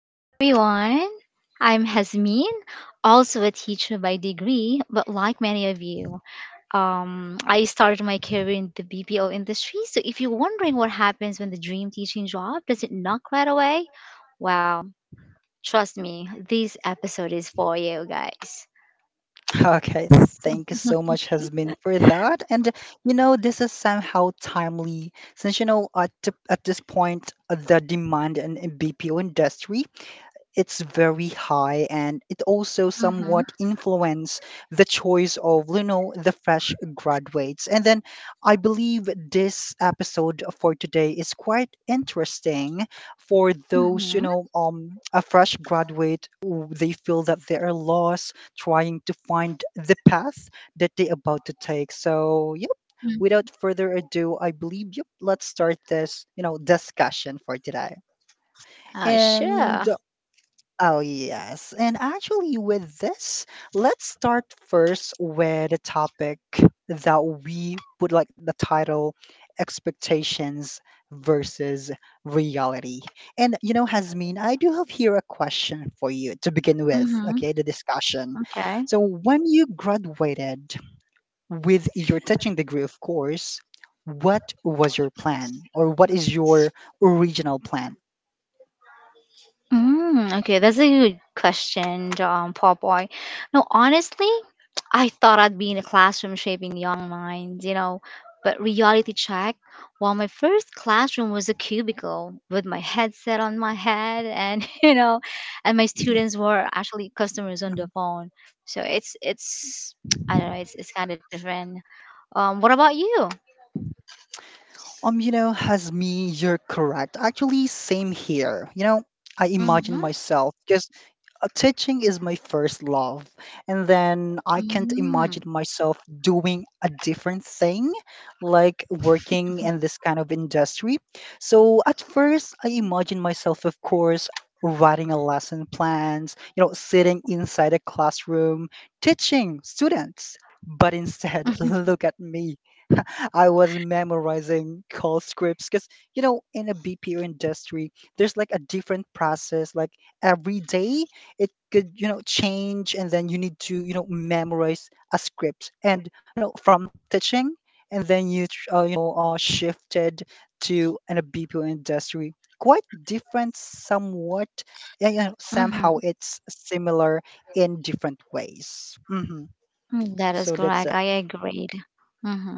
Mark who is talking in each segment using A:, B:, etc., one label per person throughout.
A: Hey everyone, I'm Hasmin, also a teacher by degree, but like many of you, I started my career in the BPO industry. So if you're wondering what happens when the dream teaching job doesn't knock right away, well, trust me, this episode is for you guys.
B: Okay, thank you so much, Hasmin, for that. And this is somehow timely since at this point, the demand in BPO industry, it's very high, and it also
A: Mm-hmm.
B: somewhat influence the choice of the fresh graduates. And then I believe this episode for today is quite interesting for those
A: Mm-hmm.
B: a fresh graduate. They feel that they are lost trying to find the path that they about to take. So yep,
A: Mm-hmm.
B: without further ado, I believe yep, let's start this discussion for today.
A: Uh,
B: And
A: sure.
B: oh, yes. And actually, with this, let's start first with a topic that we would like the title Expectations versus Reality. And, you know, Hasmin, I do have here a question for you to begin with,
A: Mm-hmm.
B: okay, the discussion.
A: Okay.
B: So, when you graduated with your teaching degree, of course, what was your plan or what is your original plan?
A: Okay, that's a good question, Paul Boy. No, honestly, I thought I'd be in a classroom shaping young minds, you know, but reality check. Well, my first classroom was a cubicle with my headset on my head, and you know, and my students were actually customers on the
B: Mhm.
A: phone. So it's I don't know, it's kind of different. What about you?
B: Has me, you're correct. Actually, same here. I imagine
A: Mm-hmm.
B: myself just, teaching is my first love, and then I can't imagine
A: Mm-hmm.
B: myself doing a different thing, like working in this kind of industry. So at first, I imagine myself, of course, writing a lesson plans, sitting inside a classroom, teaching students. But instead, look at me. I was memorizing call scripts because, in a BPO industry, there's like a different process. Like every day, it could, change, and then you need to, memorize a script. And from teaching, and then you shifted to an a BPO industry. Quite different, somewhat. Yeah,
A: Mm-hmm.
B: somehow it's similar in different ways.
A: That is
B: So
A: correct.
B: that's
A: I agreed. Mm-hmm.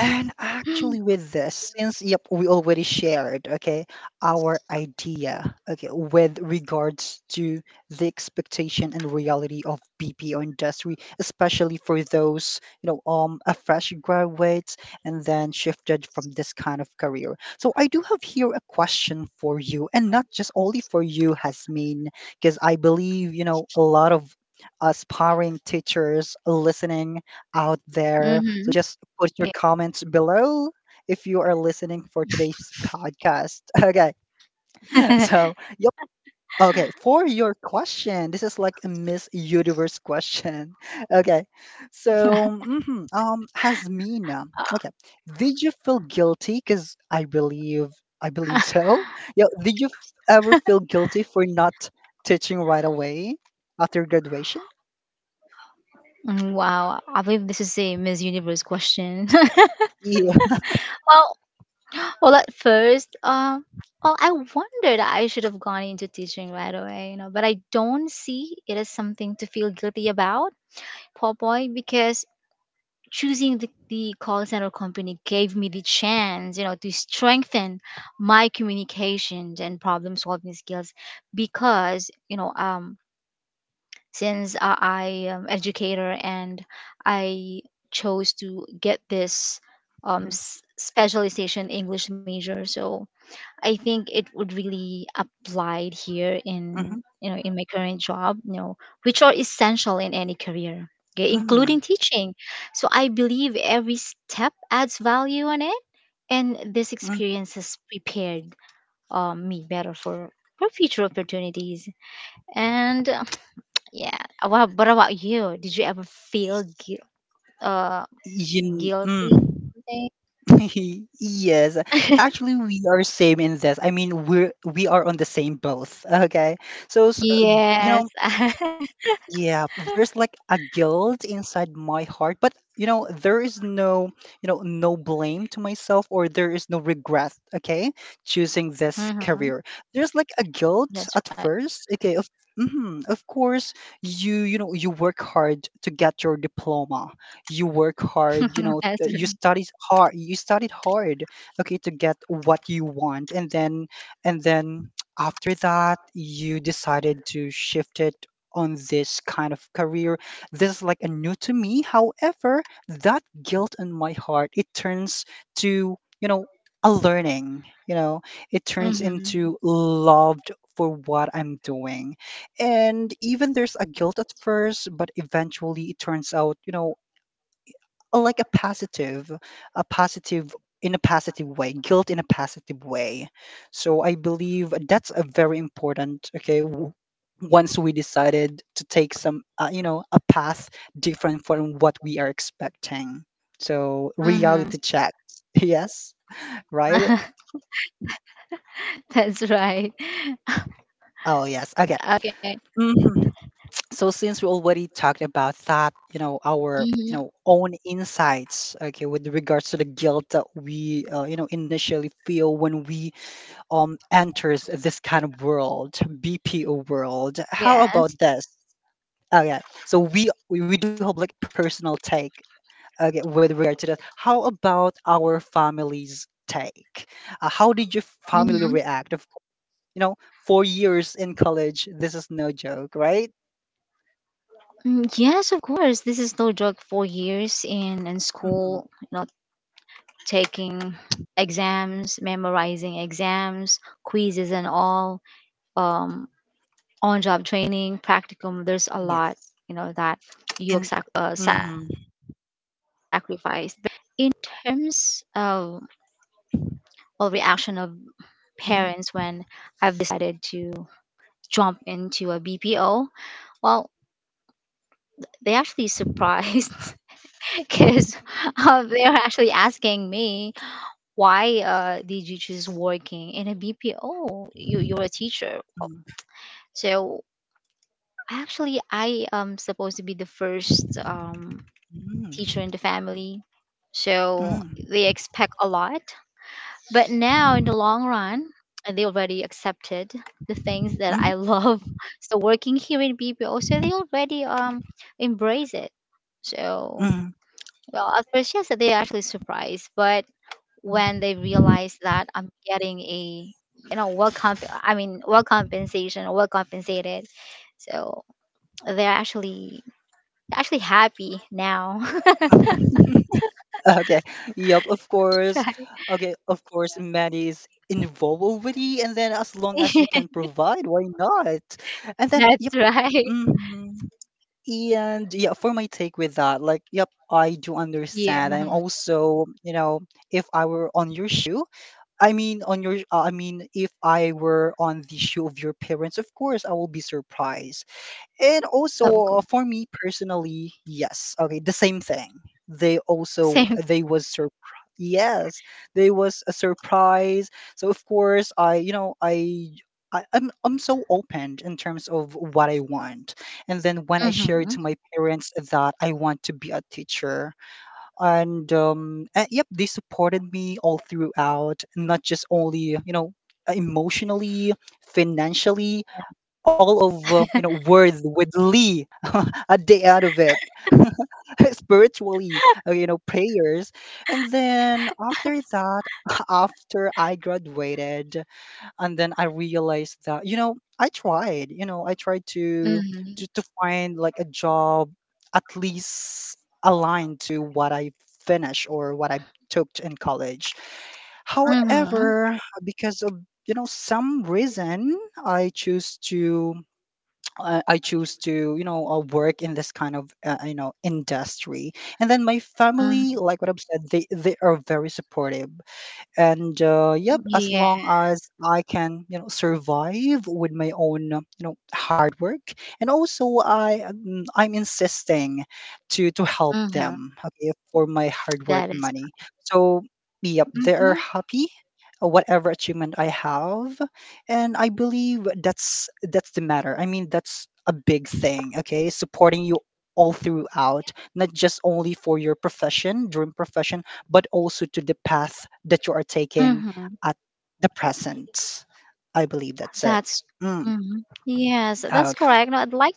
B: And actually, with this, since yep, we already shared, okay, our idea, okay, with regards to the expectation and reality of BPO industry, especially for those, a fresh graduates and then shifted from this kind of career. So I do have here a question for you, and not just only for you, Hasmin, because I believe, a lot of aspiring teachers listening out there,
A: Mm-hmm.
B: so just put your comments below if you are listening for today's podcast. Okay. So, yep. Okay. For your question, this is like a Miss Universe question. Okay. So, Hasmina. Okay. Did you feel guilty? Because I believe so. Yeah. Did you ever feel guilty for not teaching right away after graduation?
A: Wow, I believe this is a Miss Universe question.
B: Yeah.
A: well, Well, at first, well, I wondered I should have gone into teaching right away, you know, but I don't see it as something to feel guilty about, poor boy, because choosing the call center company gave me the chance, you know, to strengthen my communications and problem solving skills because, you know, since I am educator and I chose to get
B: Mm-hmm.
A: specialization English major, so I think it would really apply here in
B: Mm-hmm.
A: you know in my current job, you know, which are essential in any career, okay,
B: Mm-hmm.
A: including teaching. So I believe every step adds value on it, and this
B: Mm.
A: experience has prepared me better for future opportunities. And yeah, what about you? Did you ever feel uh,
B: You,
A: guilty?
B: mm. Yes, actually, we are same in this. I mean, we are on the same boat. Okay, so, s- uh, you
A: Yes.
B: know, yeah, there's like a guilt inside my heart, but there is no, no blame to myself, or there is no regret, okay, choosing this
A: Mhm.
B: career. There's like a guilt
A: That's
B: at
A: right.
B: first, okay, of mhm, of course, you work hard to get your diploma. You work hard,
A: That's
B: you
A: right.
B: studied hard, okay, to get what you want, and then and then after that you decided to shift it on this kind of career. This is like a new to me. However, that guilt in my heart, it turns to, a learning, it turns
A: Mm-hmm.
B: into loved for what I'm doing. And even there's a guilt at first, but eventually it turns out, like a positive, a positive in a positive way, guilt in a positive way. So I believe that's a very important, okay, once we decided to take some a path different from what we are expecting. So,
A: Mm-hmm.
B: reality check. Yes. Right.
A: That's right.
B: Oh yes, okay.
A: Okay.
B: hmm so since we already talked about that, our
A: Hmm.
B: own insights, okay, with regards to the guilt that we initially feel when we enters this kind of world, BPO world. How
A: Yes.
B: about this? Okay, so we do have personal take. Okay, with regard to that, how about our family's take? How did your family react? Of course, you know, 4 years in college, this is no joke, right?
A: Hmm. Yes, of course. This is no joke. 4 years in
B: hmm
A: school, you know, taking exams, memorizing exams, quizzes, and all. Um, on-job training, practicum. There's a lot,
B: Yes.
A: you know, that you
B: And mm-hmm,
A: sacrifice. But in terms of well, reaction of parents
B: mm-hmm,
A: when I've decided to jump into a BPO, well, they actually surprised because they're actually asking me why did you choose working in a BPO? You're a teacher, so actually I am supposed to be the first teacher in the family, so
B: mm,
A: they expect a lot. But now in the long run, they already accepted the things that I
B: mm,
A: love. So working here in BPO, so they already embrace it. So
B: mm.
A: well, at first, yes, they actually surprised, but when they realize that I'm getting a, you know, well compensation or well compensated, so they're actually happy now.
B: Okay. Yep, of course. Okay, of course, money is involved already, and then as long as you can provide, why not? And then, yep.
A: That's right.
B: And yeah, for my take with that, like, yep, I do understand.
A: Yeah,
B: I'm also, if I were on your shoe. I mean, on your, I mean, if I were on the shoe of your parents, of course, I will be surprised. And
A: of
B: also,
A: course.
B: for me personally, yes. Okay, the same thing. They also,
A: Same.
B: they was surprised. Yes, they was a surprise. So of course, I you know I. I, I'm so open in terms of what I want. And then when I
A: Mm-hmm.
B: shared to my parents that I want to be a teacher, and yep, they supported me all throughout, not just only emotionally, financially, of words with Lee, a day out of it, spiritually, prayers. And then after that, after I graduated, and then I realized that, I tried, to
A: Mm-hmm.
B: to find like a job at least aligned to what I finished or what I took in college.
A: Mm-hmm.
B: However, because of some reason, I choose to, work in this kind of, industry. And then my
A: Mm-hmm.
B: family, like what I've said, they are very supportive. And yep, as
A: Yeah.
B: long as I can, survive with my own, hard work. And also I, I'm insisting to help
A: Mm-hmm.
B: them, okay, for my hard work
A: That is.
B: money. So yep, they are
A: Mm-hmm.
B: happy, whatever achievement I have. And I believe that's the matter. I mean, that's a big thing, okay, supporting you all throughout, not just only for your profession, dream profession, but also to the path that you are taking
A: Mm-hmm.
B: at the present. I believe that's it.
A: That's.
B: Mm.
A: Mm-hmm. Yes, that's
B: Okay.
A: correct. No, I'd like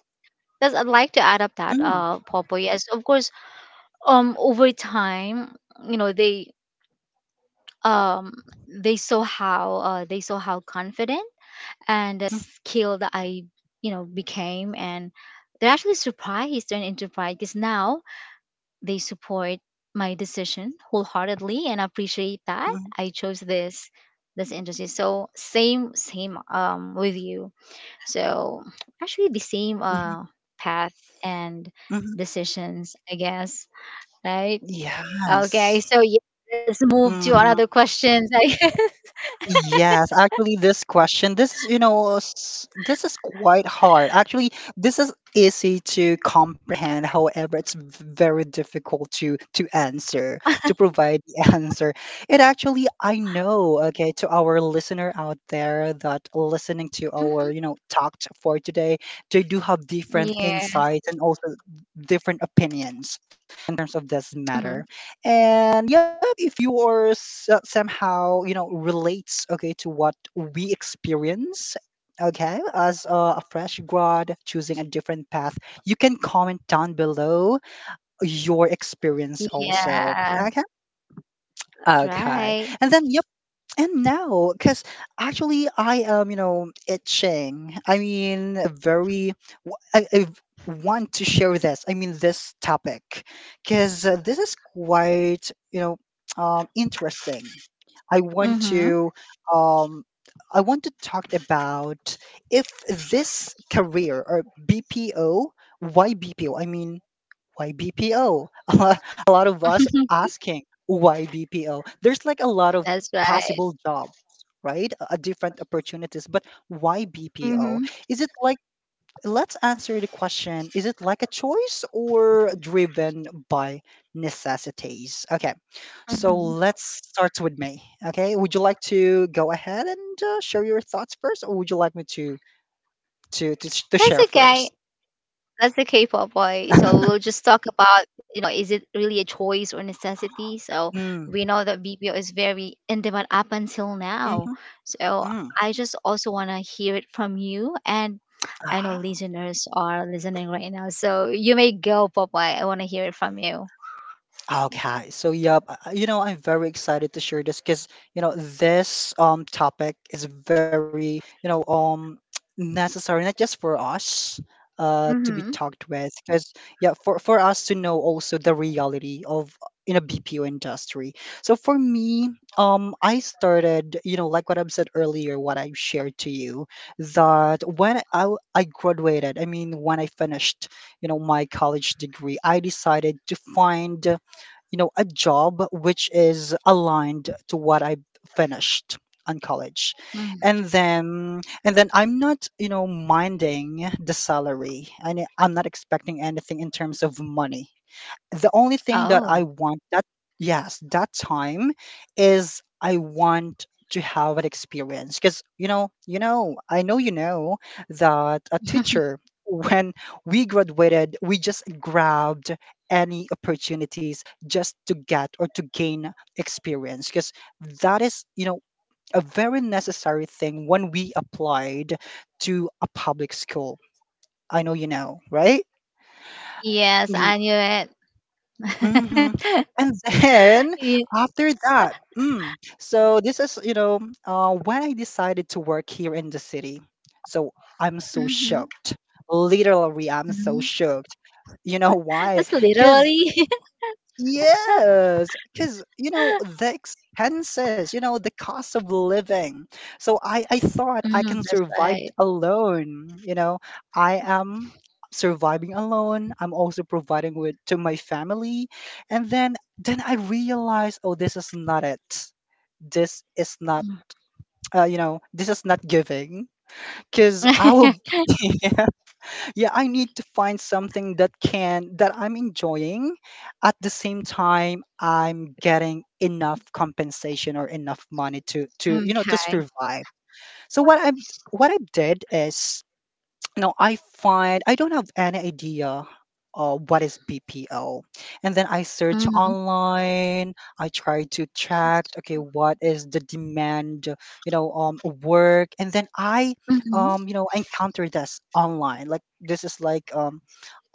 A: Yes, I'd like to add up that
B: Mm.
A: Popo. Yes, of course. Over time, you know um they saw how confident and
B: Mm,
A: skilled I you know became, and they're actually surprised and into pride because now they support my decision wholeheartedly and appreciate that
B: mm,
A: I chose this industry. So same with you. So actually the same
B: mhm,
A: path and
B: mhm.
A: decisions, I guess, right? Okay,
B: Yes.
A: so yeah, let's move to
B: hmm
A: another question.
B: Yes, actually, this question, this is, this is quite hard. Actually, this is easy to comprehend. However, it's very difficult to answer, to provide the answer. It actually, I know, okay, to our listener out there that listening to our, talked for today, they do have different
A: Like, yes.
B: insights and also different opinions, terms of
A: Mhm.
B: doesn't matter. And yeah, if you're somehow, relates, okay, to what we experience, okay, as a fresh grad choosing a different path, you can comment down below your experience also,
A: Yes,
B: okay?
A: that's
B: Okay.
A: right.
B: And then, yep. And now, because actually I am, itching. I mean, very, I want to share this. I mean, this topic, because this is quite, interesting. I want
A: Mm-hmm.
B: to, um, I want to talk about if this career or BPO, why BPO? I mean, why BPO? A lot of us asking why BPO. There's like a lot of
A: That's right.
B: possible jobs, right? Different opportunities, but why BPO?
A: Mm-hmm.
B: Is it like, let's answer the question, is it like a choice or driven by necessities? Okay. So
A: Mm-hmm.
B: let's start with me. Okay, would you like to go ahead and share your thoughts first, or would you like me to to
A: That's
B: share
A: okay.
B: first?
A: That's okay, Popeye. So we'll just talk about, you know, is it really a choice or necessity? So
B: Mm.
A: we know that BPO is very in demand up until now.
B: Mm-hmm.
A: So
B: Mm.
A: I just also want to hear it from you. And I know
B: Ah.
A: listeners are listening right now. So you may go, Popeye. I want to hear it from you.
B: Okay, so yep, I'm very excited to share this because this topic is very, necessary, not just for us to be
A: Mm-hmm.
B: talked with, because yeah, for us to know also the reality of in a BPO industry. So for me, I started, like what I've said earlier, what I shared to you, that when I graduated, I mean when I finished, my college degree, I decided to find, a job which is aligned to what I finished on college.
A: Hmm.
B: And then I'm not, minding the salary. And I'm not expecting anything in terms of money. The only thing that
A: Oh,
B: I want that, yes, that time, is I want to have an experience because I know that a teacher when we graduated, we just grabbed any opportunities just to get or to gain experience because that is a very necessary thing when we applied to a public school. I know, you know, right?
A: yes,
B: Me.
A: I knew
B: Mhm.
A: it.
B: And then
A: Yeah.
B: after that, so this is, when I decided to work here in the city. So I'm so
A: Mm-hmm.
B: shocked. Literally, I'm so
A: Hmm.
B: shocked. You know why?
A: That's
B: Because,
A: literally.
B: yes, because you know the expenses, you know the cost of living. So I thought I can
A: That's
B: survive
A: right.
B: alone. I am surviving alone. I'm also providing with to my family, and then I realized, oh, this is not it. This is not. You know, this is not giving because I
A: Mm.
B: will. Yeah, I need to find something that can that I'm enjoying at the same time I'm getting enough compensation or enough money to to
A: okay.
B: survive. So what I did is no, I find I don't have any idea what is BPO. And then I search
A: Mm-hmm.
B: online. I try to check, okay, what is the demand, you know, work. And then you know, encounter this online. Like this is like um,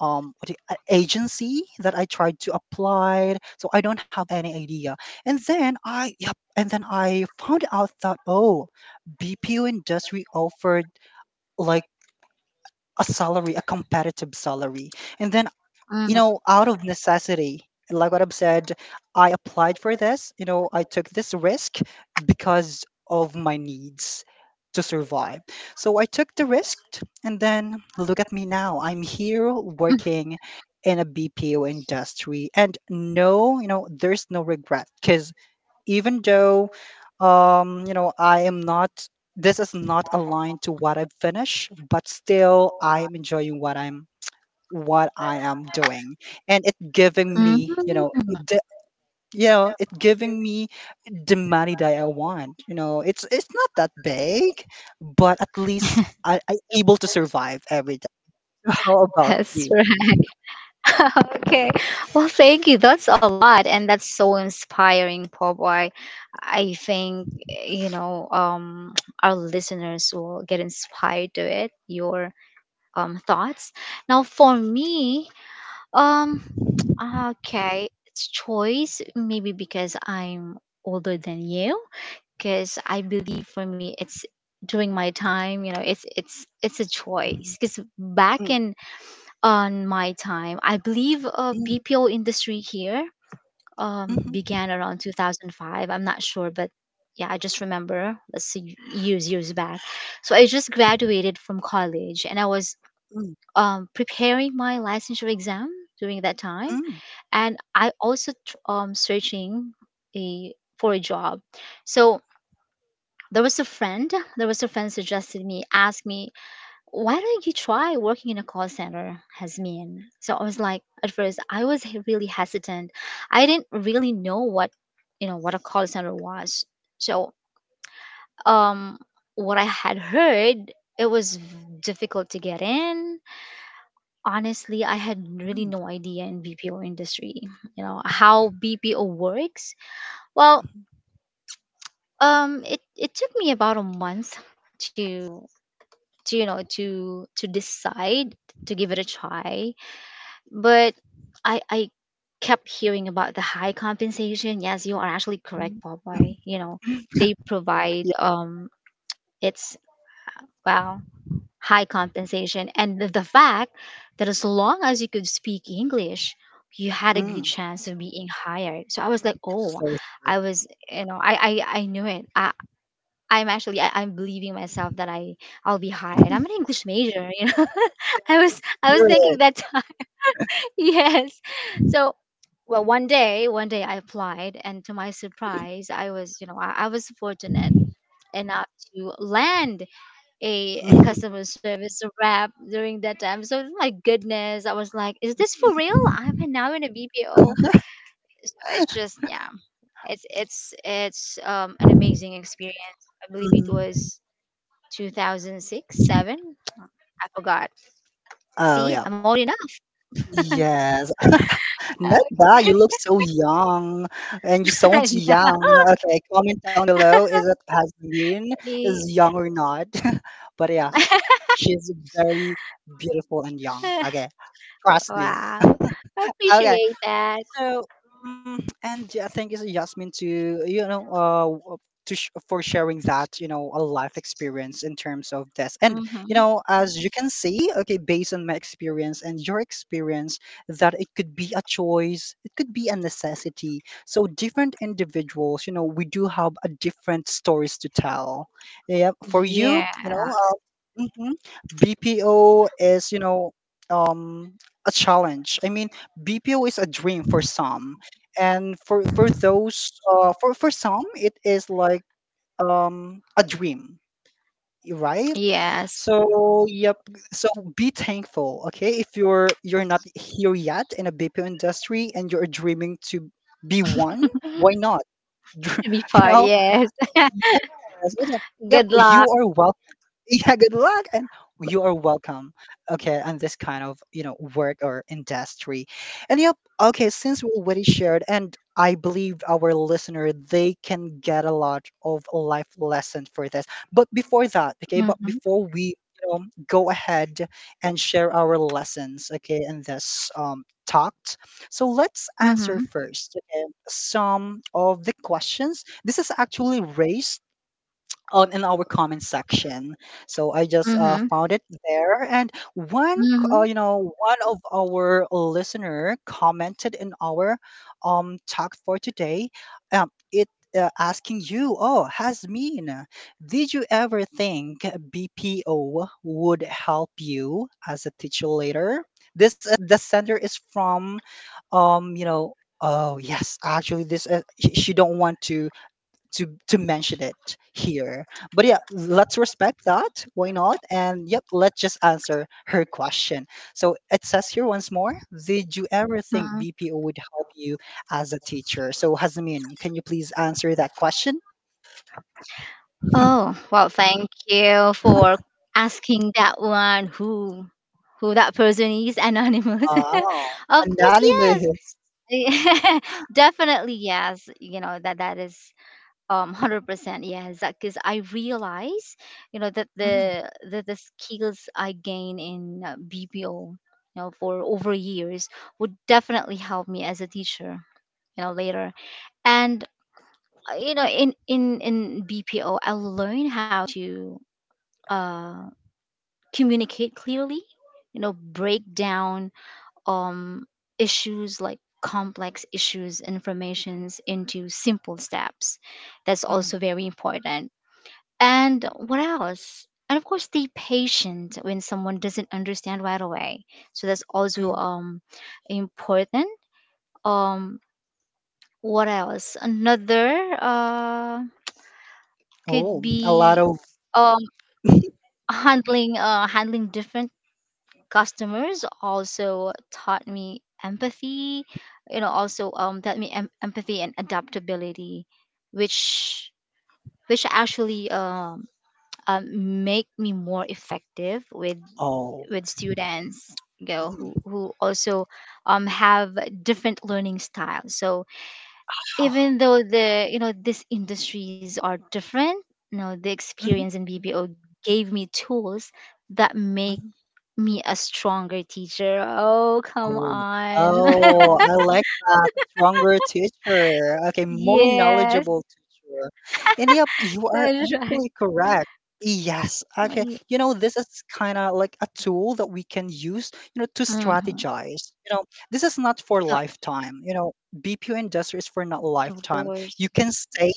B: um, what agency that I tried to apply. So I don't have any idea. And then I found out that oh, BPO industry offered like a salary, a competitive salary. And then, you
A: Mm-hmm.
B: know, out of necessity, like what I've said, I applied for this, you know, I took this risk because of my needs to survive. So I took the risk, and then look at me now. I'm here working in a BPO industry, and no, you know, there's no regret because even though you know, I am not, this is not aligned to what I've finished, but still I am enjoying what I am doing, and it giving
A: Mm,
B: me the, you know, it giving me the money that I want. You know, it's not that big, but at least I able to survive every day. How about
A: that's
B: you?
A: right. okay. Well, thank you. That's a lot, and that's so inspiring, Pope. I think you know, our listeners will get inspired to it. Your thoughts. Now, for me, um, okay, it's choice. Maybe because I'm older than you, because I believe for me, it's during my time. You know, it's a choice.
B: Mhm,
A: Because back
B: mm,
A: in on my time. I believe
B: mm,
A: BPO industry here began around 2005. I'm not sure, but yeah, I just remember. Let's see, years back. So I just graduated from college, and I was
B: mhm,
A: preparing my licensure exam during that
B: mm,
A: time,
B: mm,
A: and I also searching a for a job. So there was a friend. There was a friend suggested me, asked me why don't you try working in a call center, Hasmin? So I was like, at first, I was really hesitant. I didn't really know what, you know, what a call center was. So, um, what I had heard, it was difficult to get in. Honestly, I had really no idea in BPO industry, you know, how BPO works. Well, it took me about a month to, to you know, to decide to give it a try but I kept hearing about the high compensation. Yes, you are actually
B: mm,
A: correct,
B: mm, mhm.
A: Popeye. You know, they provide
B: Yeah,
A: it's well high compensation and the fact that as long as you could speak English, you had a good
B: mm.
A: chance of being hired. So I was like, oh,
B: So.
A: I knew it. I'm believing myself that I'll be hired. I'm an English major, you know. I was thinking
B: Spirit.
A: that. Yes. So, well, one day I applied, and to my surprise, I was, you know, I was fortunate enough to land a
B: Mhm,
A: customer service rep during that time. So, my goodness, I was like, is this for real? I'm now in a BPO. So it's just, yeah, it's an amazing experience. I believe it
B: mhm.
A: was 2006, seven. I forgot.
B: Oh,
A: See,
B: yeah.
A: I'm old enough.
B: Yes. Not bad. You look so young and you sound
A: I
B: young. Okay, comment down below is it has been is young or not. But yeah, she's very beautiful and young.
A: know.
B: Okay, trust me.
A: Wow. I
B: Okay.
A: appreciate that.
B: So, and yeah, thank you, Yasmin, to you know, to for sharing that, you know, a life experience in terms of this. And you
A: Mm-hmm.
B: know, as you can see, okay, based on my experience and your experience, that it could be a choice, it could be a necessity. So different individuals, you know, we do have a different stories to tell. Yeah, for you,
A: Yeah.
B: you know, uh, mhm, BPO is, you know, um a challenge. I mean, BPO is a dream for some, and for those for some, it is like a dream, right?
A: Yes.
B: So yep. So be thankful, okay? If you're not here yet in a BPO industry and you're dreaming to be one, why not?
A: To be
B: You
A: part.
B: know?
A: Yes.
B: Yes. Yep.
A: Good
B: You
A: luck.
B: are welcome. Yeah, good luck, and you are welcome. Okay, and this kind of, you know, work or industry. And yep, okay, since we already shared, and I believe our listener they can get a lot of life lessons for this. But before that, okay, but
A: Mm-hmm.
B: before we you know go ahead and share our lessons, okay, in this talked, so let's answer
A: Mm-hmm.
B: first, okay, some of the questions this is actually raised on in our comment section. So I just
A: Mm-hmm.
B: found it there, and one,
A: Mm-hmm.
B: you know, one of our listener commented in our talk for today. It Asking you, oh, has mean, did you ever think BPO would help you as a teacher later? This the sender is from, you know. Oh yes, actually, this she don't want to to mention it here. But yeah, let's respect that. Why not? And yep, let's just answer her question. So it says here once more, did you ever think
A: Hmm.
B: BPO would help you as a teacher? So Hazmin, can you please answer that question?
A: Oh, well, thank you for asking that one who that person is anonymous. Of
B: Oh,
A: course, yes.
B: analysis.
A: Definitely yes. You know that that is 100% yes because I realize you know
B: Mm,
A: that the skills I gain in BPO you know for over years would definitely help me as a teacher you know later, and you know in in BPO I learn how to uh communicate clearly, you know, break down um issues like complex issues informations into simple steps. That's also
B: mm,
A: very important. And what else? And of course, stay patient when someone doesn't understand right away. So that's also
B: mm.
A: important. Um, what else? Another could
B: Oh, a lot
A: be
B: of
A: um handling different customers also taught me empathy. You know, also taught me empathy and adaptability, which which actually make me more effective with
B: oh.
A: students, you know,
B: Mm.
A: who also have different learning styles, so even though the you know these industries are different, you know the
B: Mhm,
A: experience in BPO gave me tools that make
B: mhm.
A: me a stronger teacher. Oh, come
B: Oh,
A: on.
B: oh, I like that. Stronger teacher. Okay, more
A: Yes,
B: knowledgeable teacher. Yep, you are
A: that's right.
B: actually correct. Yes, okay. You know, this is kind of like a tool that we can use, you know, to
A: Mm-hmm.
B: strategize. You know, this is not for
A: Oh,
B: lifetime. You know, BPO industry is for not
A: of
B: lifetime.
A: course.
B: You can stay,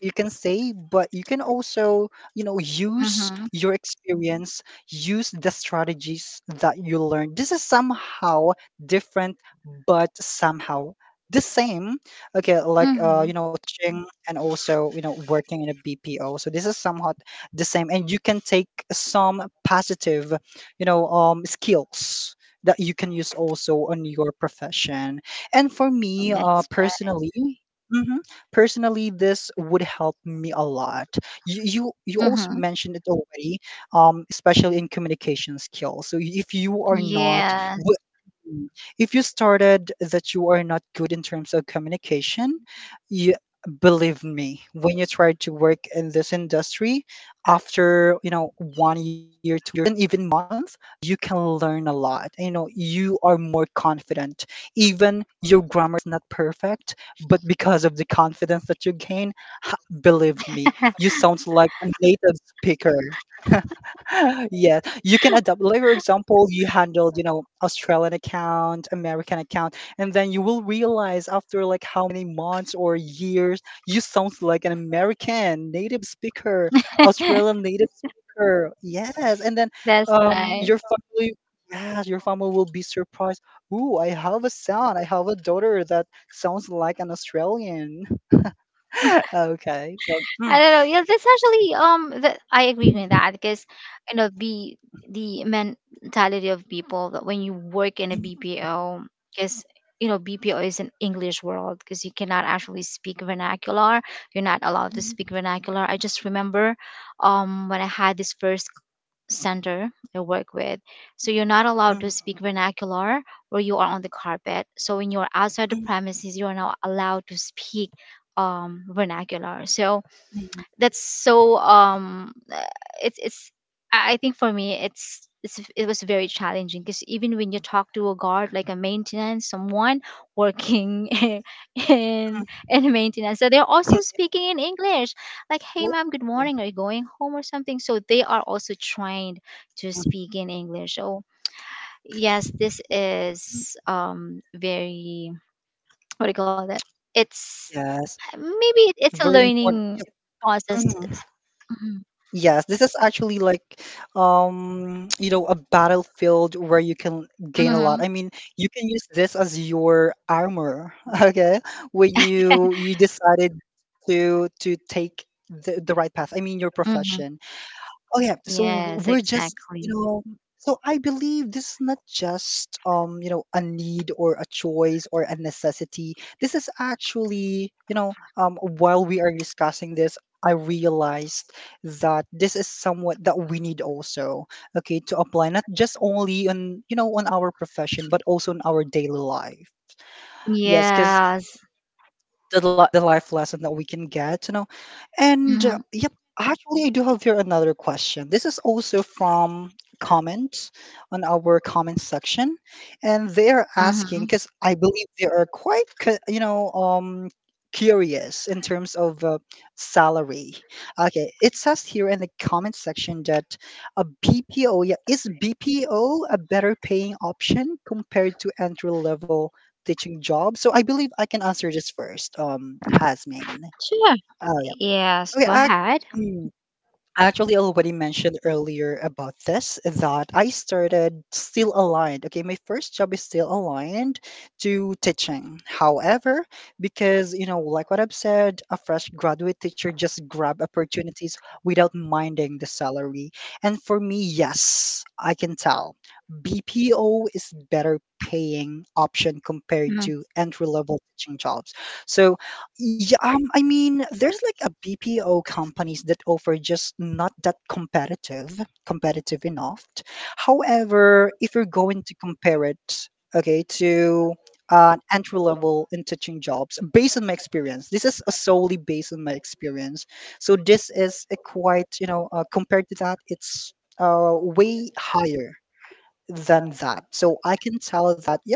B: you can stay, but you can also, you know, use
A: Mm-hmm.
B: your experience, use the strategies that you learned. This is somehow different, but somehow the same. Okay, like
A: Mm-hmm.
B: you know, coaching and also you know working in a BPO. So this is somewhat the same, and you can take some positive, you know, skills that you can use also on your profession. And for me,
A: That's right.
B: personally. Mhm. Personally, this would help me a lot. You also
A: Mm-hmm.
B: mentioned it already, especially in communication skills. So if you are not,
A: Yes.
B: if you started that you are not good in terms of communication, you believe me, when you try to work in this industry, after you know 1 year to even month, you can learn a lot. You know, you are more confident. Even your grammar is not perfect, but because of the confidence that you gain, ha- believe me, you sound like a native speaker. Yes, you can adapt, like for example you handled, you know, Australian account, American account, and then you will realize after like how many months or years you sound like an American native speaker, Australian native speaker. Yes, and then
A: That's
B: your
A: right.
B: family, yes, your family will be surprised. Ooh, I have a son, I have a daughter that sounds like an Australian. Okay, so mm.
A: I don't know. Yeah, that's actually that I agree with that, because you know the mentality of people that when you work in a
B: Mm,
A: BPO, because you know BPO is an English world, because you cannot actually speak vernacular. You're not allowed to speak vernacular. I just remember when I had this first center I work with. So you're not allowed
B: mm,
A: to speak vernacular or you are on the carpet. So when you're outside the
B: mm,
A: premises, you are not allowed to speak vernacular. So
B: mm,
A: that's so it's I think for me it was very challenging, because even when you talk to a guard like a maintenance someone working in maintenance, so they're also speaking in English like, hey ma'am, good morning,
B: mm.
A: are you going home or something. So they are also trained to speak in English. So yes, this is very what do you call that, it's
B: Yes,
A: maybe it's a
B: very important.
A: learning
B: Yep.
A: process.
B: Mhm.
A: Mhm.
B: Yes, this is actually like, you know, a battlefield where you can gain a lot.
A: Mhm.
B: I mean, you can use this as your armor, okay? When you decided to take the right path. I mean, your
A: Mhm.
B: profession. Oh yeah, so
A: Yes,
B: we're just you
A: exactly.
B: know. So I believe this is not just you know a need or a choice or a necessity. This is actually you know while we are discussing this, I realized that this is somewhat that we need also okay to apply not just only on you know on our profession but also in our daily life. Yes, because
A: Yes.
B: the life lesson that we can get, you know. And
A: Mhm.
B: yep, actually, I do have here another question. This is also from comments on our comment section, and they are asking
A: Mhm.
B: because I believe they are quite, you know, curious in terms of salary. Okay, it says here in the comment section that a BPO, yeah, is BPO a better paying option compared to entry level teaching job? So I believe I can answer this first, Hasmin.
A: Sure.
B: Oh yeah.
A: Yes,
B: Okay,
A: go ahead.
B: mm, actually, I actually already mentioned earlier about this that I started still aligned. Okay, my first job is still aligned to teaching. However, because you know, like what I've said, a fresh graduate teacher just grab opportunities without minding the salary. And for me, yes, I can tell BPO is better paying option compared
A: Mm.
B: to entry level teaching jobs. So yeah, I mean, there's like a BPO companies that offer just not that competitive enough. However, if you're going to compare it, okay, to an entry level in teaching jobs, based on my experience, this is solely based on my experience. So this is a quite, you know, compared to that, it's way higher than that. So I can tell that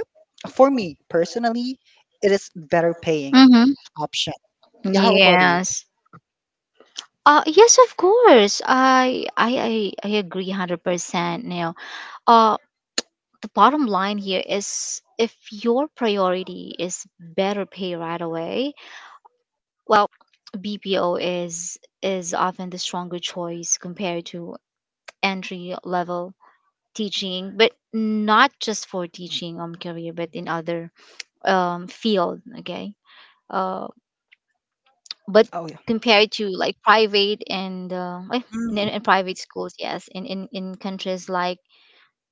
B: for me personally, it is better paying
A: Mhm.
B: option. Yeah, how about you?
A: Yes. Yes, of course. I agree 100% now. Uh, the bottom line here is if your priority is better pay right away, well, BPO is often the stronger choice compared to entry level teaching, but not just for teaching career, but in other field. Okay. uh but
B: Oh, yeah.
A: Compared to like private and in, in
B: Mm,
A: in private schools. Yes, in in countries like,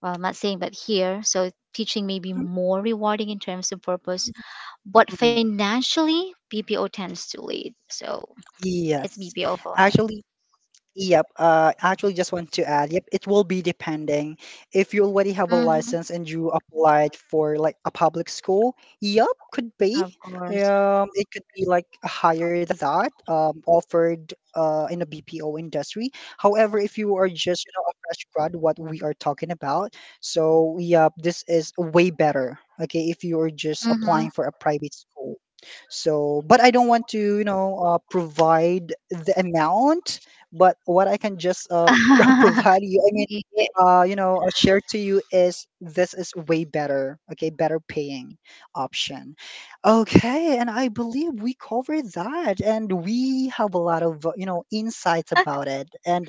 A: well, I'm not saying, but here, so teaching may be
B: mm,
A: more rewarding in terms of purpose, but
B: mm.
A: financially BPO tends to lead. So it's
B: Yes.
A: BPO for me.
B: Actually, yep, actually, just want to add, yep, it will be depending. If you already have a
A: hmm
B: license and you applied for like a public school, yep, could be.
A: of course.
B: It could be like higher than that, offered in a BPO industry. However, if you are just, you know, a fresh grad, what we are talking about, so yep, this is way better. Okay, if you are just
A: Mm-hmm.
B: applying for a private school. So, but I don't want to, you know, provide the amount but what I can just provide you, I mean,
A: Yeah.
B: you know, share to you is this is way better, okay, better paying option. Okay, and I believe we covered that, and we have a lot of you know insights about it, and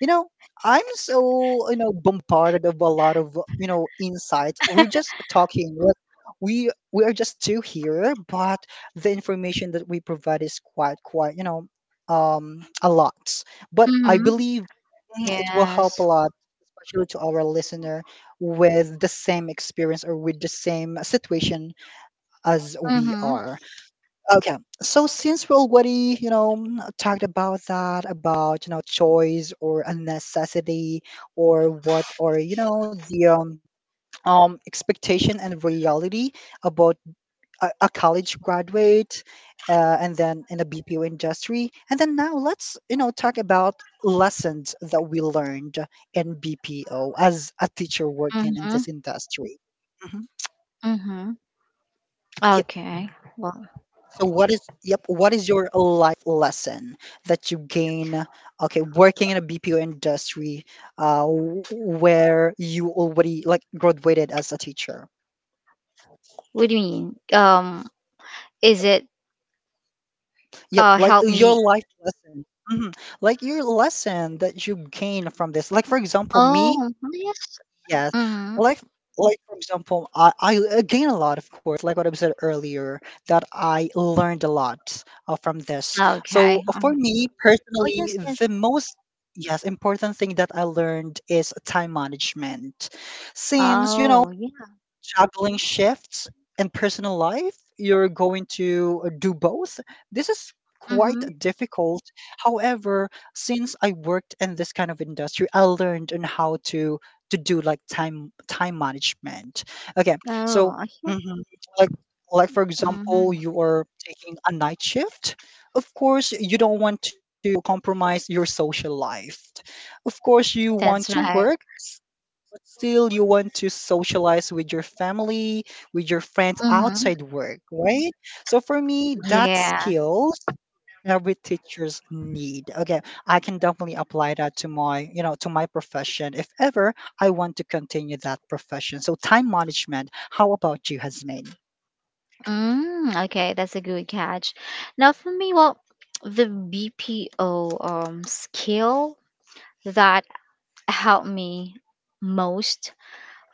B: you know. I'm so bombarded of a lot of insights. We're just talking. We are just two here, but the information that we provide is quite a lot. But I
A: hmm
B: believe it will
A: yes.
B: help a lot, especially to our listener with the same experience or with the same situation as we
A: Mm-hmm.
B: are. Okay, so since we already, talked about that, about, choice or a necessity or what, or, you know, the expectation and reality about a college graduate and then in a BPO industry. And then now let's, talk about lessons that we learned in BPO as a teacher working in
A: Mhm,
B: this industry. Mhm.
A: mhm.
B: Yep.
A: Okay. Well,
B: So what is your life lesson that you gain, okay, working in a BPO industry, where you already like graduated as a teacher?
A: what do you mean? Is
B: Yep.
A: it,
B: Yep,
A: uh,
B: like
A: help
B: your
A: me?
B: life lesson. Mhm. Like your lesson that you gain from this. Like for example, me,
A: Oh, yes.
B: yes.
A: Mhm.
B: Like like for example, I gain a lot of course, like what I said earlier, that I learned a lot from this.
A: Okay.
B: So for me
A: Oh, yes,
B: personally,
A: yes.
B: the most, yes, important thing that I learned is time management, since
A: Oh
B: you
A: yeah.
B: juggling shifts and personal life, you're going to do both. This is quite
A: Mhm.
B: difficult. However, since I worked in this kind of industry, I learned on how to do like time management. Okay, so,
A: Oh, okay.
B: mhm, like, for example,
A: Mhm.
B: you are taking a night shift. Of course, you don't want to compromise your social life. Of course, you want
A: That's
B: to
A: right.
B: work, but still you want to socialize with your family, with your friends
A: Mhm.
B: outside work, right? So for me, that
A: Yes.
B: skills every teachers need. Okay, I can definitely apply that to my, to my profession if ever I want to continue that profession. So time management. How about you, Hasmain?
A: Okay, that's a good catch. Now for me, well, the BPO skill that helped me most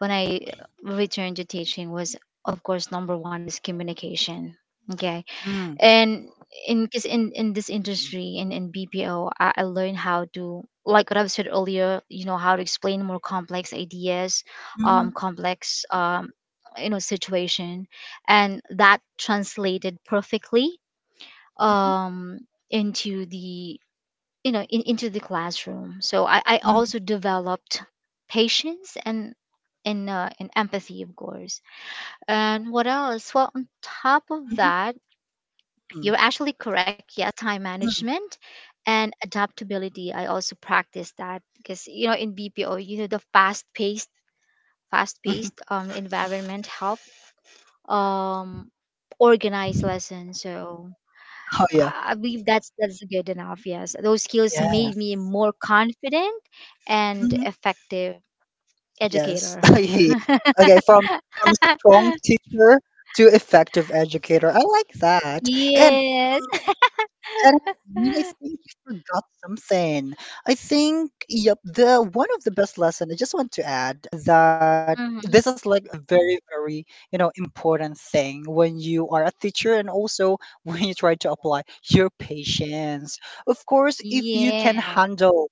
A: when I returned to teaching was, of course, number one is communication. Okay.
B: Mm.
A: And in this industry in BPO, I learned how to, like what I've said earlier, you know, how to explain more complex ideas,
B: Mhm,
A: complex, you know, situation, and that translated perfectly
B: mhm,
A: um into the, into the classroom. So I
B: mhm,
A: also developed patience and and empathy, of course. And what else? Well, on top of
B: mhm,
A: that,
B: mhm,
A: you're
B: mhm.
A: actually correct. Yes, time management and adaptability I also practice, that because you know, in BPO, you know, the fast paced environment help um organize lessons. So
B: Oh yeah.
A: I believe that's good enough. Yes, those skills
B: Yes.
A: made me more confident and
B: Mm-hmm.
A: effective
B: Yes.
A: educator.
B: Yes. Okay, from strong teacher to effective educator. I like that.
A: Yes.
B: And I mean, I think you forgot something. I think, yep, the one of the best lesson I just want to add that this
A: Mm-hmm.
B: is like very important thing when you are a teacher and also when you try to apply your patience. Of course, if you can
A: Yeah.
B: handle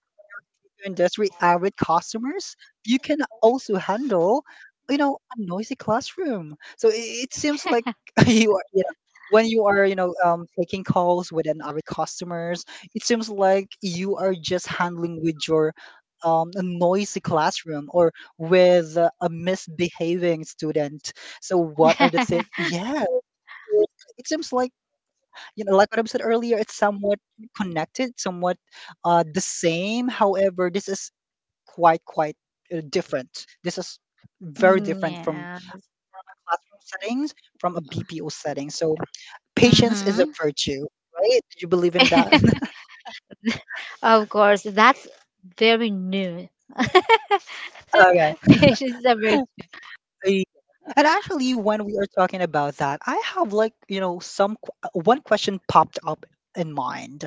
B: industry avid customers, you can also handle, you know, a noisy classroom. So it seems like you are, you know, when you are, you know, taking calls with customers, it seems like you are just handling with your a noisy classroom or with a misbehaving student. So what are the things? Yeah, it seems like, you know, like what I said earlier, it's somewhat connected, somewhat the same. However, this is quite different. This is very different from
A: Yes.
B: classroom settings, from a BPO setting. So patience is a
A: Mm-hmm.
B: virtue, right? Do you believe in that?
A: Of course, that's very new.
B: okay.
A: Patience are very.
B: Yeah. And actually, when we are talking about that, I have like, you know, some one question popped up in mind,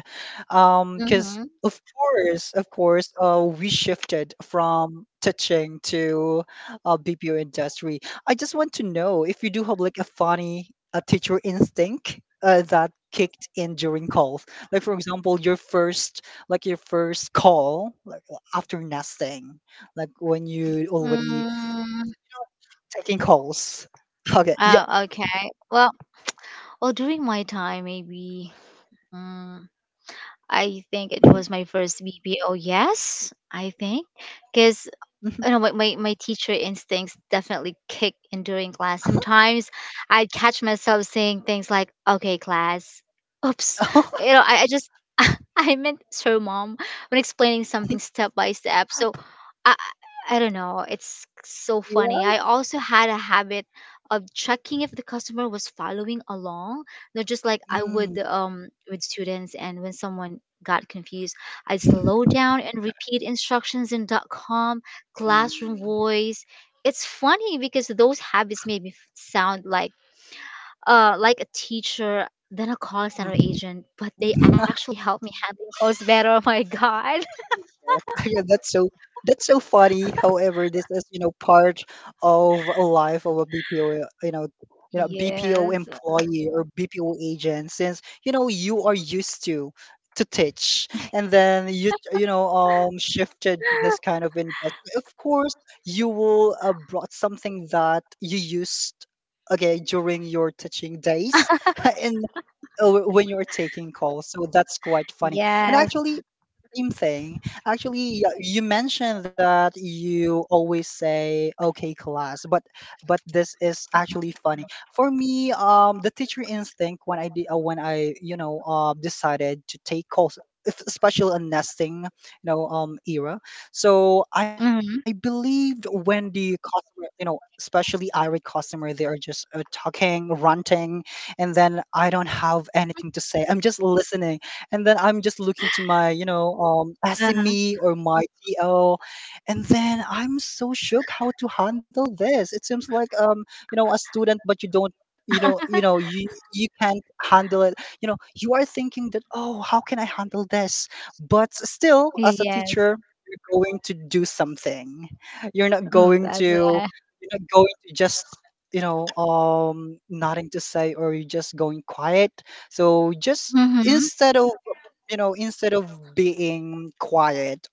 A: Mm-hmm.
B: because of course, we shifted from teaching to BPO industry. I just want to know if you do have like a funny teacher instinct that kicked in during calls. Like for example, your first, your first call like after nesting, like when you already
A: Mm,
B: taking calls. Okay. Yep.
A: oh, okay. Well, during my time, maybe. Mm, I think it was my first BPO. Yes, I think, because
B: Mhm,
A: you know, my teacher instincts definitely kick in during class.
B: mhm.
A: Sometimes I catch myself saying things like, okay, class, oops. You know, I just, I meant sir, mom, when explaining something step by step. So I, I don't know. It's so funny. I
B: Yes.
A: also had a habit of checking if the customer was following along. Not just like I
B: Mm.
A: would with students. And when someone got confused, I'd slow down and repeat instructions in dot com classroom
B: Mm.
A: voice. It's funny because those habits made me sound like a teacher than a call center agent, but they actually helped me handle calls better. Oh my god.
B: Yes. Yeah, that's so funny. However, this is, you know, part of a life of a BPO, you know, BPO
A: Yes.
B: employee or BPO agent since, you know, you are used to teach and then you know shifted to this kind of industry. Of course, you will brought something that you used, okay, during your teaching days and when you're taking calls. So that's quite funny. And
A: Yes.
B: actually, same thing. Actually, yeah, you mentioned that you always say "okay, class," but this is actually funny for me. The teacher instinct when I did, when I, you know, decided to take calls. Especially on nesting, you know, era. So I
A: Mm-hmm.
B: believed when the customer, you know, especially irate customer, they are just talking, ranting, and then I don't have anything to say. I'm just listening, and then I'm just looking to my, you know,
A: Uh-huh.
B: SME or my TL, and then I'm so shook how to handle this. It seems like you know, a student, but you don't. You know, you know, you can't handle it. You know, you are thinking that, oh, how can I handle this? But still, as a
A: Yes.
B: teacher, you're going to do something. You're not
A: Mm,
B: going
A: that's
B: to
A: right.
B: you're not going to just, you know, nothing to say, or you're just going quiet. So just
A: Mm-hmm.
B: instead of, instead of being quiet,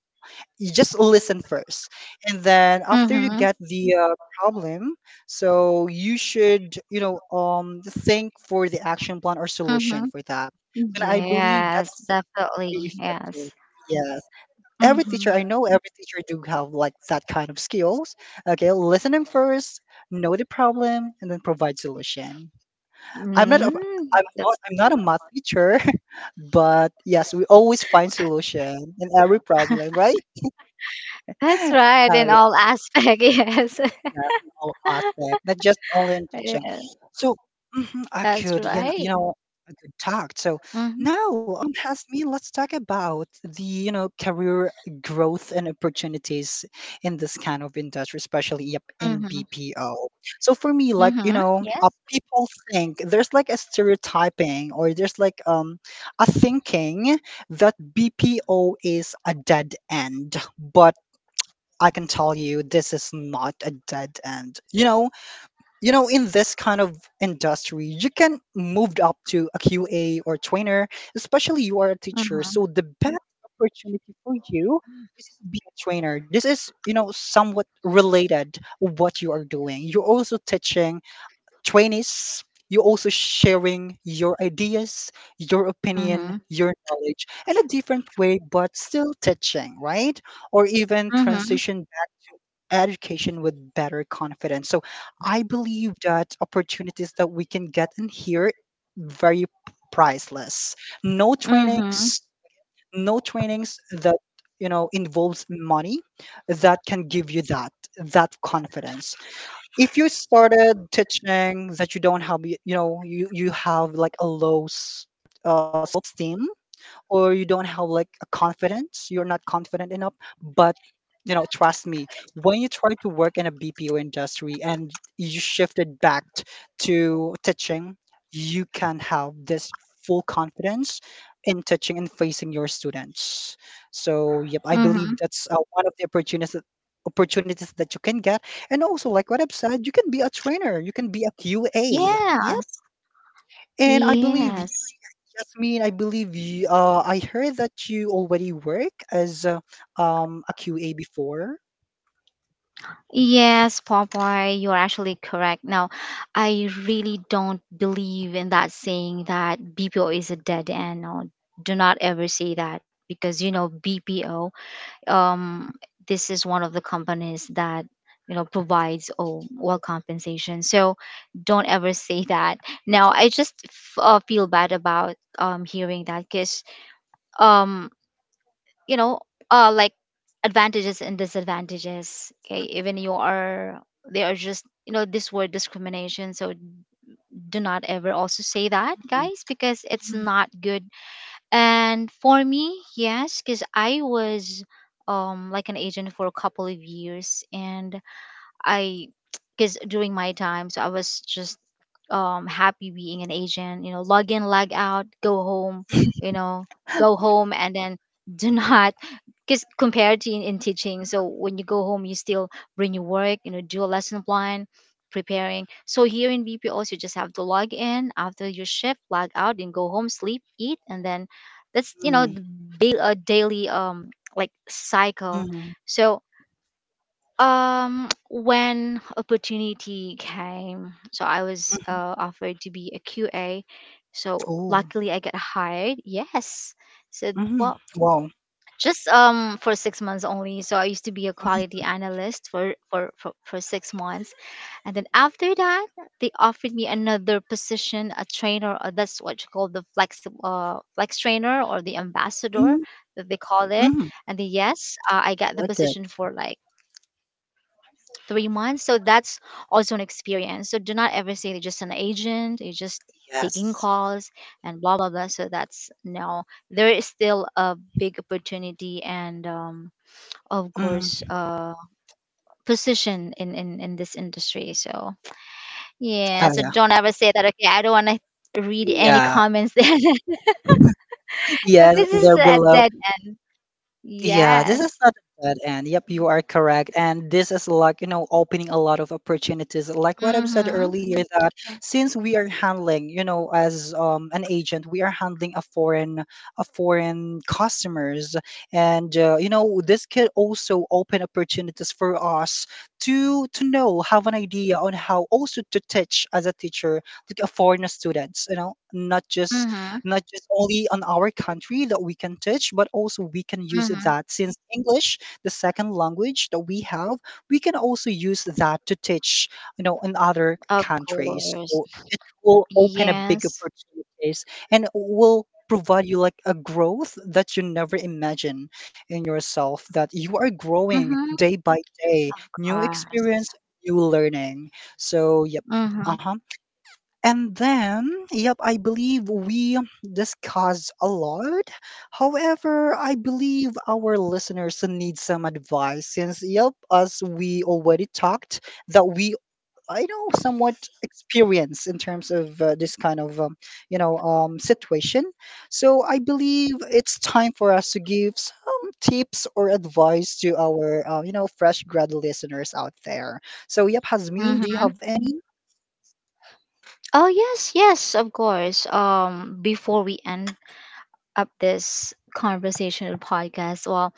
B: you just listen first, and then after you
A: Mm-hmm.
B: get the problem, so you should, you know, think for the action plan or
A: Mm-hmm.
B: solution for that, and I believe
A: Yes,
B: that's
A: definitely.
B: very
A: Yes.
B: effective. Yes, every
A: Mm-hmm.
B: teacher. I know every teacher do have like that kind of skills. Okay, listening first, know the problem, and then provide solution. i'm not a,
A: Mm, that's
B: I'm not a math teacher, but yes, we always find solution in every problem, right?
A: right
B: oh
A: in
B: yeah.
A: all aspect. Yes.
B: Yes, in all aspect, not just only in teaching.
A: Yes.
B: So, mhm, I
A: That's
B: could,
A: right.
B: I could talk. So
A: Mhm,
B: now, has me. Let's talk about the, you know, career growth and opportunities in this kind of industry, especially, yep, in
A: mhm,
B: BPO. So for me, like, you
A: mhm.
B: know,
A: Yes.
B: people think there's like a stereotyping or there's like a thinking that BPO is a dead end, but I can tell you this is not a dead end. You know, in this kind of industry, you can move up to a QA or trainer, especially you are a teacher.
A: Mhm,
B: So the best opportunity for you is to be a trainer. This is, you know, somewhat related what you are doing. You're also teaching 20s, you're also sharing your ideas, your opinion,
A: mhm,
B: your knowledge in a different way, but still touching, right? Or even
A: mhm,
B: transition back to education with better confidence. So I believe that opportunities that we can get in here very priceless. No
A: mhm,
B: trainings, no trainings that, you know, involves money, that can give you that confidence if you started teaching, that you don't have you have like a low uh, self-esteem or you don't have like a confidence, you're not confident enough. But you know, trust me, when you try to work in a BPO industry and you shifted to teaching, you can have this full confidence in teaching and facing your students. So, yep, I
A: mhm.
B: believe that's one of the opportunities that you can get, and also like what I've said, you can be a trainer, you can be a QA, yep,
A: Yes.
B: and I believe
A: Yes.
B: Yasmin, I believe you, I heard that you already work as a QA before.
A: Yes, Popeye, you're actually correct. Now, I really don't believe in that saying that BPO is a dead end. No, do not ever say that, because you know BPO, um, this is one of the companies that, you know, provides oh, well compensation. So don't ever say that. Now I just feel bad about hearing that, because um, you know, like advantages and disadvantages, okay, even you are, they are just, you know, this word discrimination. So do not ever also say that,
B: Mhm,
A: guys, because it's
B: mhm.
A: not good. And for me, yes, because I was like an agent for a couple of years, and I because during my time, so I was just happy being an agent. You know, log in, log out, go home. You know, go home, and then do not, because compared to in teaching, so when you go home you still bring your work, you know, do a lesson plan, preparing. So here in BPOs you just have to log in, after your shift log out and go home, sleep, eat, and then that's, you know,
B: Mm,
A: the daily like cycle.
B: mhm,
A: So when opportunity came, so I was
B: mhm.
A: offered to be a QA. So
B: Oh,
A: luckily I got hired. Yes. So,
B: mhm.
A: well,
B: Wow.
A: just for 6 months only. So I used to be a quality analyst for for 6 months. And then after that, they offered me another position, a trainer, or that's what you call the flex, flex trainer or the ambassador
B: Mhm,
A: that they call it.
B: mhm.
A: And then yes, I got the
B: Like that.
A: position for like 3 months. So that's also an experience. So do not ever say they are just an agent, you're just taking
B: Yes.
A: calls and blah blah blah. So that's no. There is still a big opportunity and of course
B: Mhm.
A: position in this industry. So yeah,
B: Ah,
A: so
B: yeah.
A: don't ever say that. Okay, I don't wanna read any
B: Yeah.
A: comments there. But
B: Yes,
A: this is
B: they're
A: a
B: below.
A: dead end.
B: Yeah, this is
A: Yes.
B: not a dead end. Yep, you are correct. And this is like, you know, opening a lot of opportunities. Like what I've said
A: Mm-hmm.
B: earlier, that since we are handling, you know, as an agent, we are handling a foreign customers. And you know, this could also open opportunities for us to know, have an idea on how also to teach as a teacher, like a foreign students, you know,
A: Mm-hmm.
B: not just only on our country that we can teach, but also we can use
A: Mm-hmm.
B: that since English, the second language that we have, we can also use that to teach, you know, in other
A: Of
B: countries.
A: course.
B: So it will open a big
A: Yes.
B: opportunities and will provide you like a growth that you never imagine in yourself that you are growing
A: Mhm, of
B: day by day, new
A: course.
B: experience, new learning. So, yep,
A: Mhm,
B: and then, yep, I believe we discussed a lot. However, I believe our listeners need some advice since, yep, as we already talked, that we I know somewhat experience in terms of this kind of situation. So I believe it's time for us to give some tips or advice to our you know, fresh grad listeners out there. So yep, Hazmín, do you
A: mhm.
B: have?
A: Oh yes, yes, of course. Before we end up this conversational podcast, well,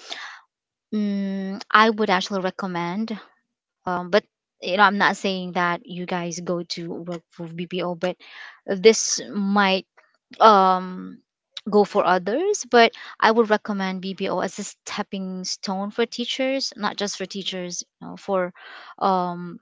A: I would actually recommend. But you know, I'm not saying that you guys go to work for BPO, but this might um go for others. But I would recommend BPO as a stepping stone for teachers, not just for teachers, you know, for um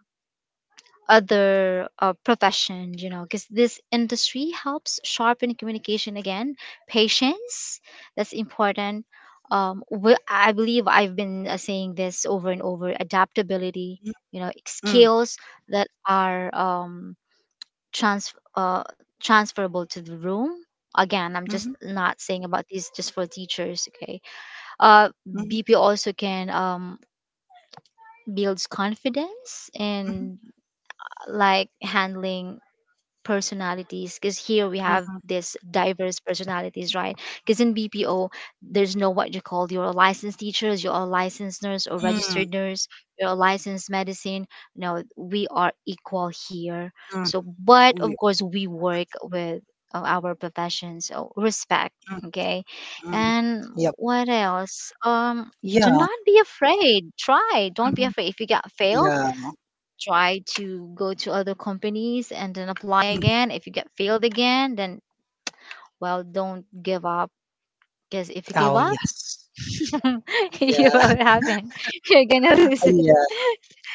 A: other profession, you know, because this industry helps sharpen communication, again patience, that's important. I believe I've been saying this over and over, adaptability,
B: Mm,
A: you know,
B: mm,
A: skills that are trans uh, transferable to the room. Again, I'm just
B: mhm,
A: not saying about these just for teachers. Okay,
B: mhm,
A: BP also can builds confidence
B: mhm.
A: and like handling personalities, because here we have
B: Mhm,
A: this diverse personalities, right? Because in BPO there's no what you call your licensed teachers, you're a licensed nurse or
B: mm,
A: registered nurse, you're a licensed medicine. No, we are equal here.
B: mm,
A: So but
B: we,
A: of course we work with our profession, so respect.
B: mm,
A: Okay.
B: mm.
A: And
B: Yep.
A: what else?
B: Yeah.
A: Do not be afraid, try. Don't be
B: Mhm.
A: afraid if you get failed,
B: Yeah.
A: try to go to other companies and then apply
B: Mhm.
A: again. If you get failed again, then well, don't give up, because if you
B: Oh,
A: give up,
B: yes.
A: you
B: Yeah.
A: will happen, you're gonna lose it.
B: Yeah.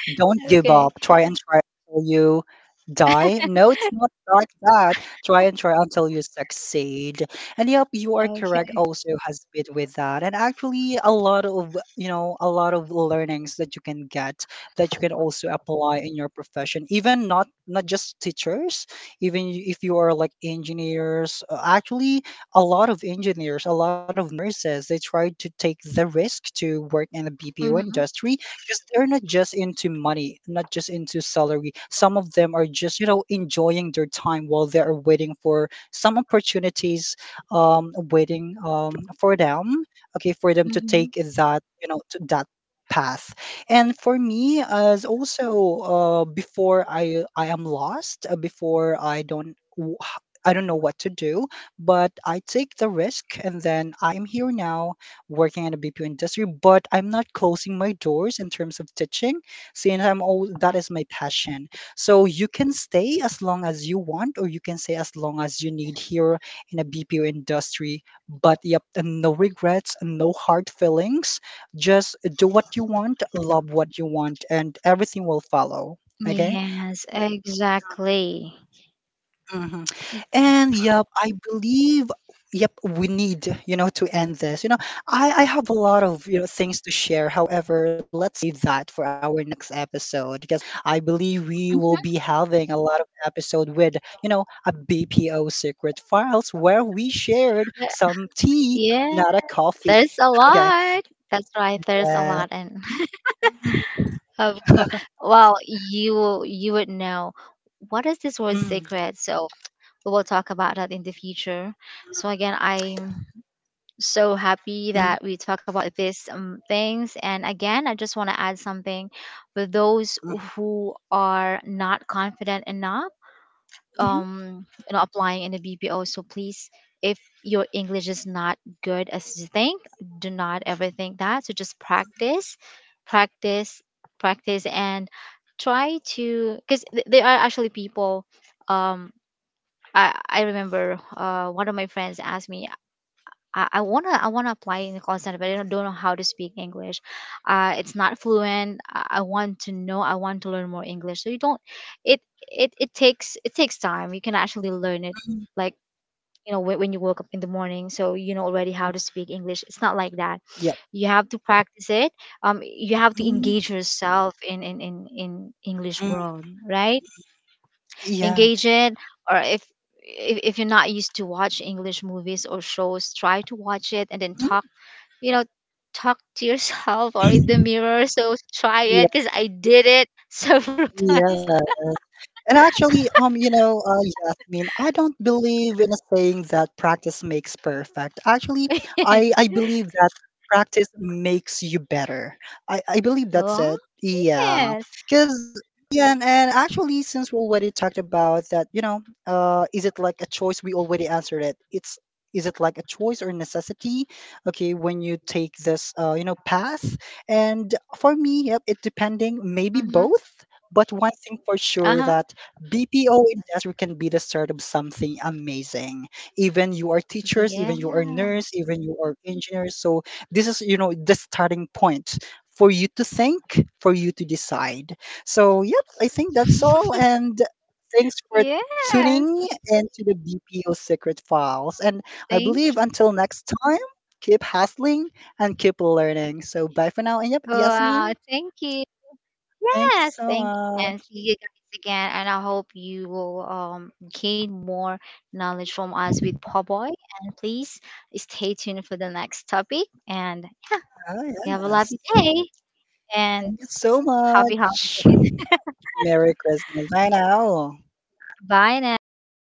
B: Don't give
A: Okay.
B: up. Try and try until you die. No, it's not like that. Try and try until you succeed. And yep, you are correct.
A: Okay.
B: Also has been with that, and actually a lot of, a lot of learnings that you can get, that you can also apply in your profession, even not just teachers, even if you are like engineers. Actually, a lot of engineers, a lot of nurses, they try to take the risk to work in the BPO
A: Mm-hmm.
B: industry because they're not just into money, not just into salary. Some of them are just, you know, enjoying their time while they are waiting for some opportunities, waiting for them, okay, for them to
A: Mm-hmm.
B: take that, you know, to that path. And for me, as also before I am lost, before I don't. W- I don't know what to do, but I take the risk and then I'm here now working in the BPO industry, but I'm not closing my doors in terms of teaching since I'm all that is my passion. So you can stay as long as you want, or you can stay as long as you need here in a BPO industry. But yep, and no regrets, and no hard feelings. Just do what you want, love what you want, and everything will follow. Okay.
A: Yes, exactly.
B: Mhm. And yep, I believe yep we need, you know, to end this. You know, I have a lot of, things to share. However, let's that for our next episode because I believe we
A: Hmm.
B: will be having a lot of episode with, you know, a BPO secret files where we shared some tea,
A: Yeah,
B: not a coffee.
A: there's a
B: Okay.
A: lot. That's right, there's a
B: Yes.
A: lot. And of course. Well, you will- you would know what is this word
B: Mm,
A: secret. So we will talk about that in the future. So again, I'm so happy
B: mm,
A: that we talk about these things. And again, I just want to add something for those
B: mhm,
A: who are not confident enough,
B: mhm,
A: you know, applying in the BPO. So please, if your English is not good as you think, do not ever think that. So just practice, practice, practice, and try to, because there are actually people, um I remember one of my friends asked me, I wanna, apply in the call center, but I don't know how to speak English. It's not fluent. I want to know. I want to learn more English. So you don't. It takes time. You can actually learn it,
B: mm.
A: like, you know, when you woke up in the morning, so you know already how to speak English. It's not like that.
B: Yep.
A: You have to practice it. You have to
B: Mm,
A: engage yourself in English
B: mm.
A: world, right?
B: Yeah.
A: Engage it. Or if if you're not used to watch English movies or shows, try to watch it, and then talk, you know, talk to yourself or in the mirror. So try
B: Yeah.
A: it, because I did it several
B: Yeah.
A: times.
B: And actually, yes, I mean, I don't believe in a saying that practice makes perfect. Actually, I believe that practice makes you better. I believe that's
A: Oh
B: it. Yeah.
A: yes.
B: And actually, since we already talked about that, you know, is it like a choice? We already answered it. It's is it like a choice or necessity? Okay, when you take this, path. And for me, yep, it depending maybe
A: Mm-hmm.
B: both. But one thing for sure
A: Uh-huh.
B: that BPO industry can be the start of something amazing. Even you are teachers, even
A: Yeah.
B: you are nurse, even you are engineers. So this is, you know, the starting point for you to think, for you to decide. So yeah. I think that's all. And thanks for
A: Yes.
B: tuning into the BPO Secret Files. And I
A: thank
B: believe until next time, keep hustling and keep learning. So bye for now. And yep,
A: Wow,
B: Yasmin,
A: thank you.
B: thank you
A: Yes,
B: so
A: thank you, and see
B: much.
A: you guys again. And I hope you will gain more knowledge from us with Pawboy. And please stay tuned for the next topic. And
B: Ah,
A: have a
B: yes.
A: lovely day and
B: Thank you so
A: happy holiday.
B: much. Merry Christmas. Bye now.
A: Bye now.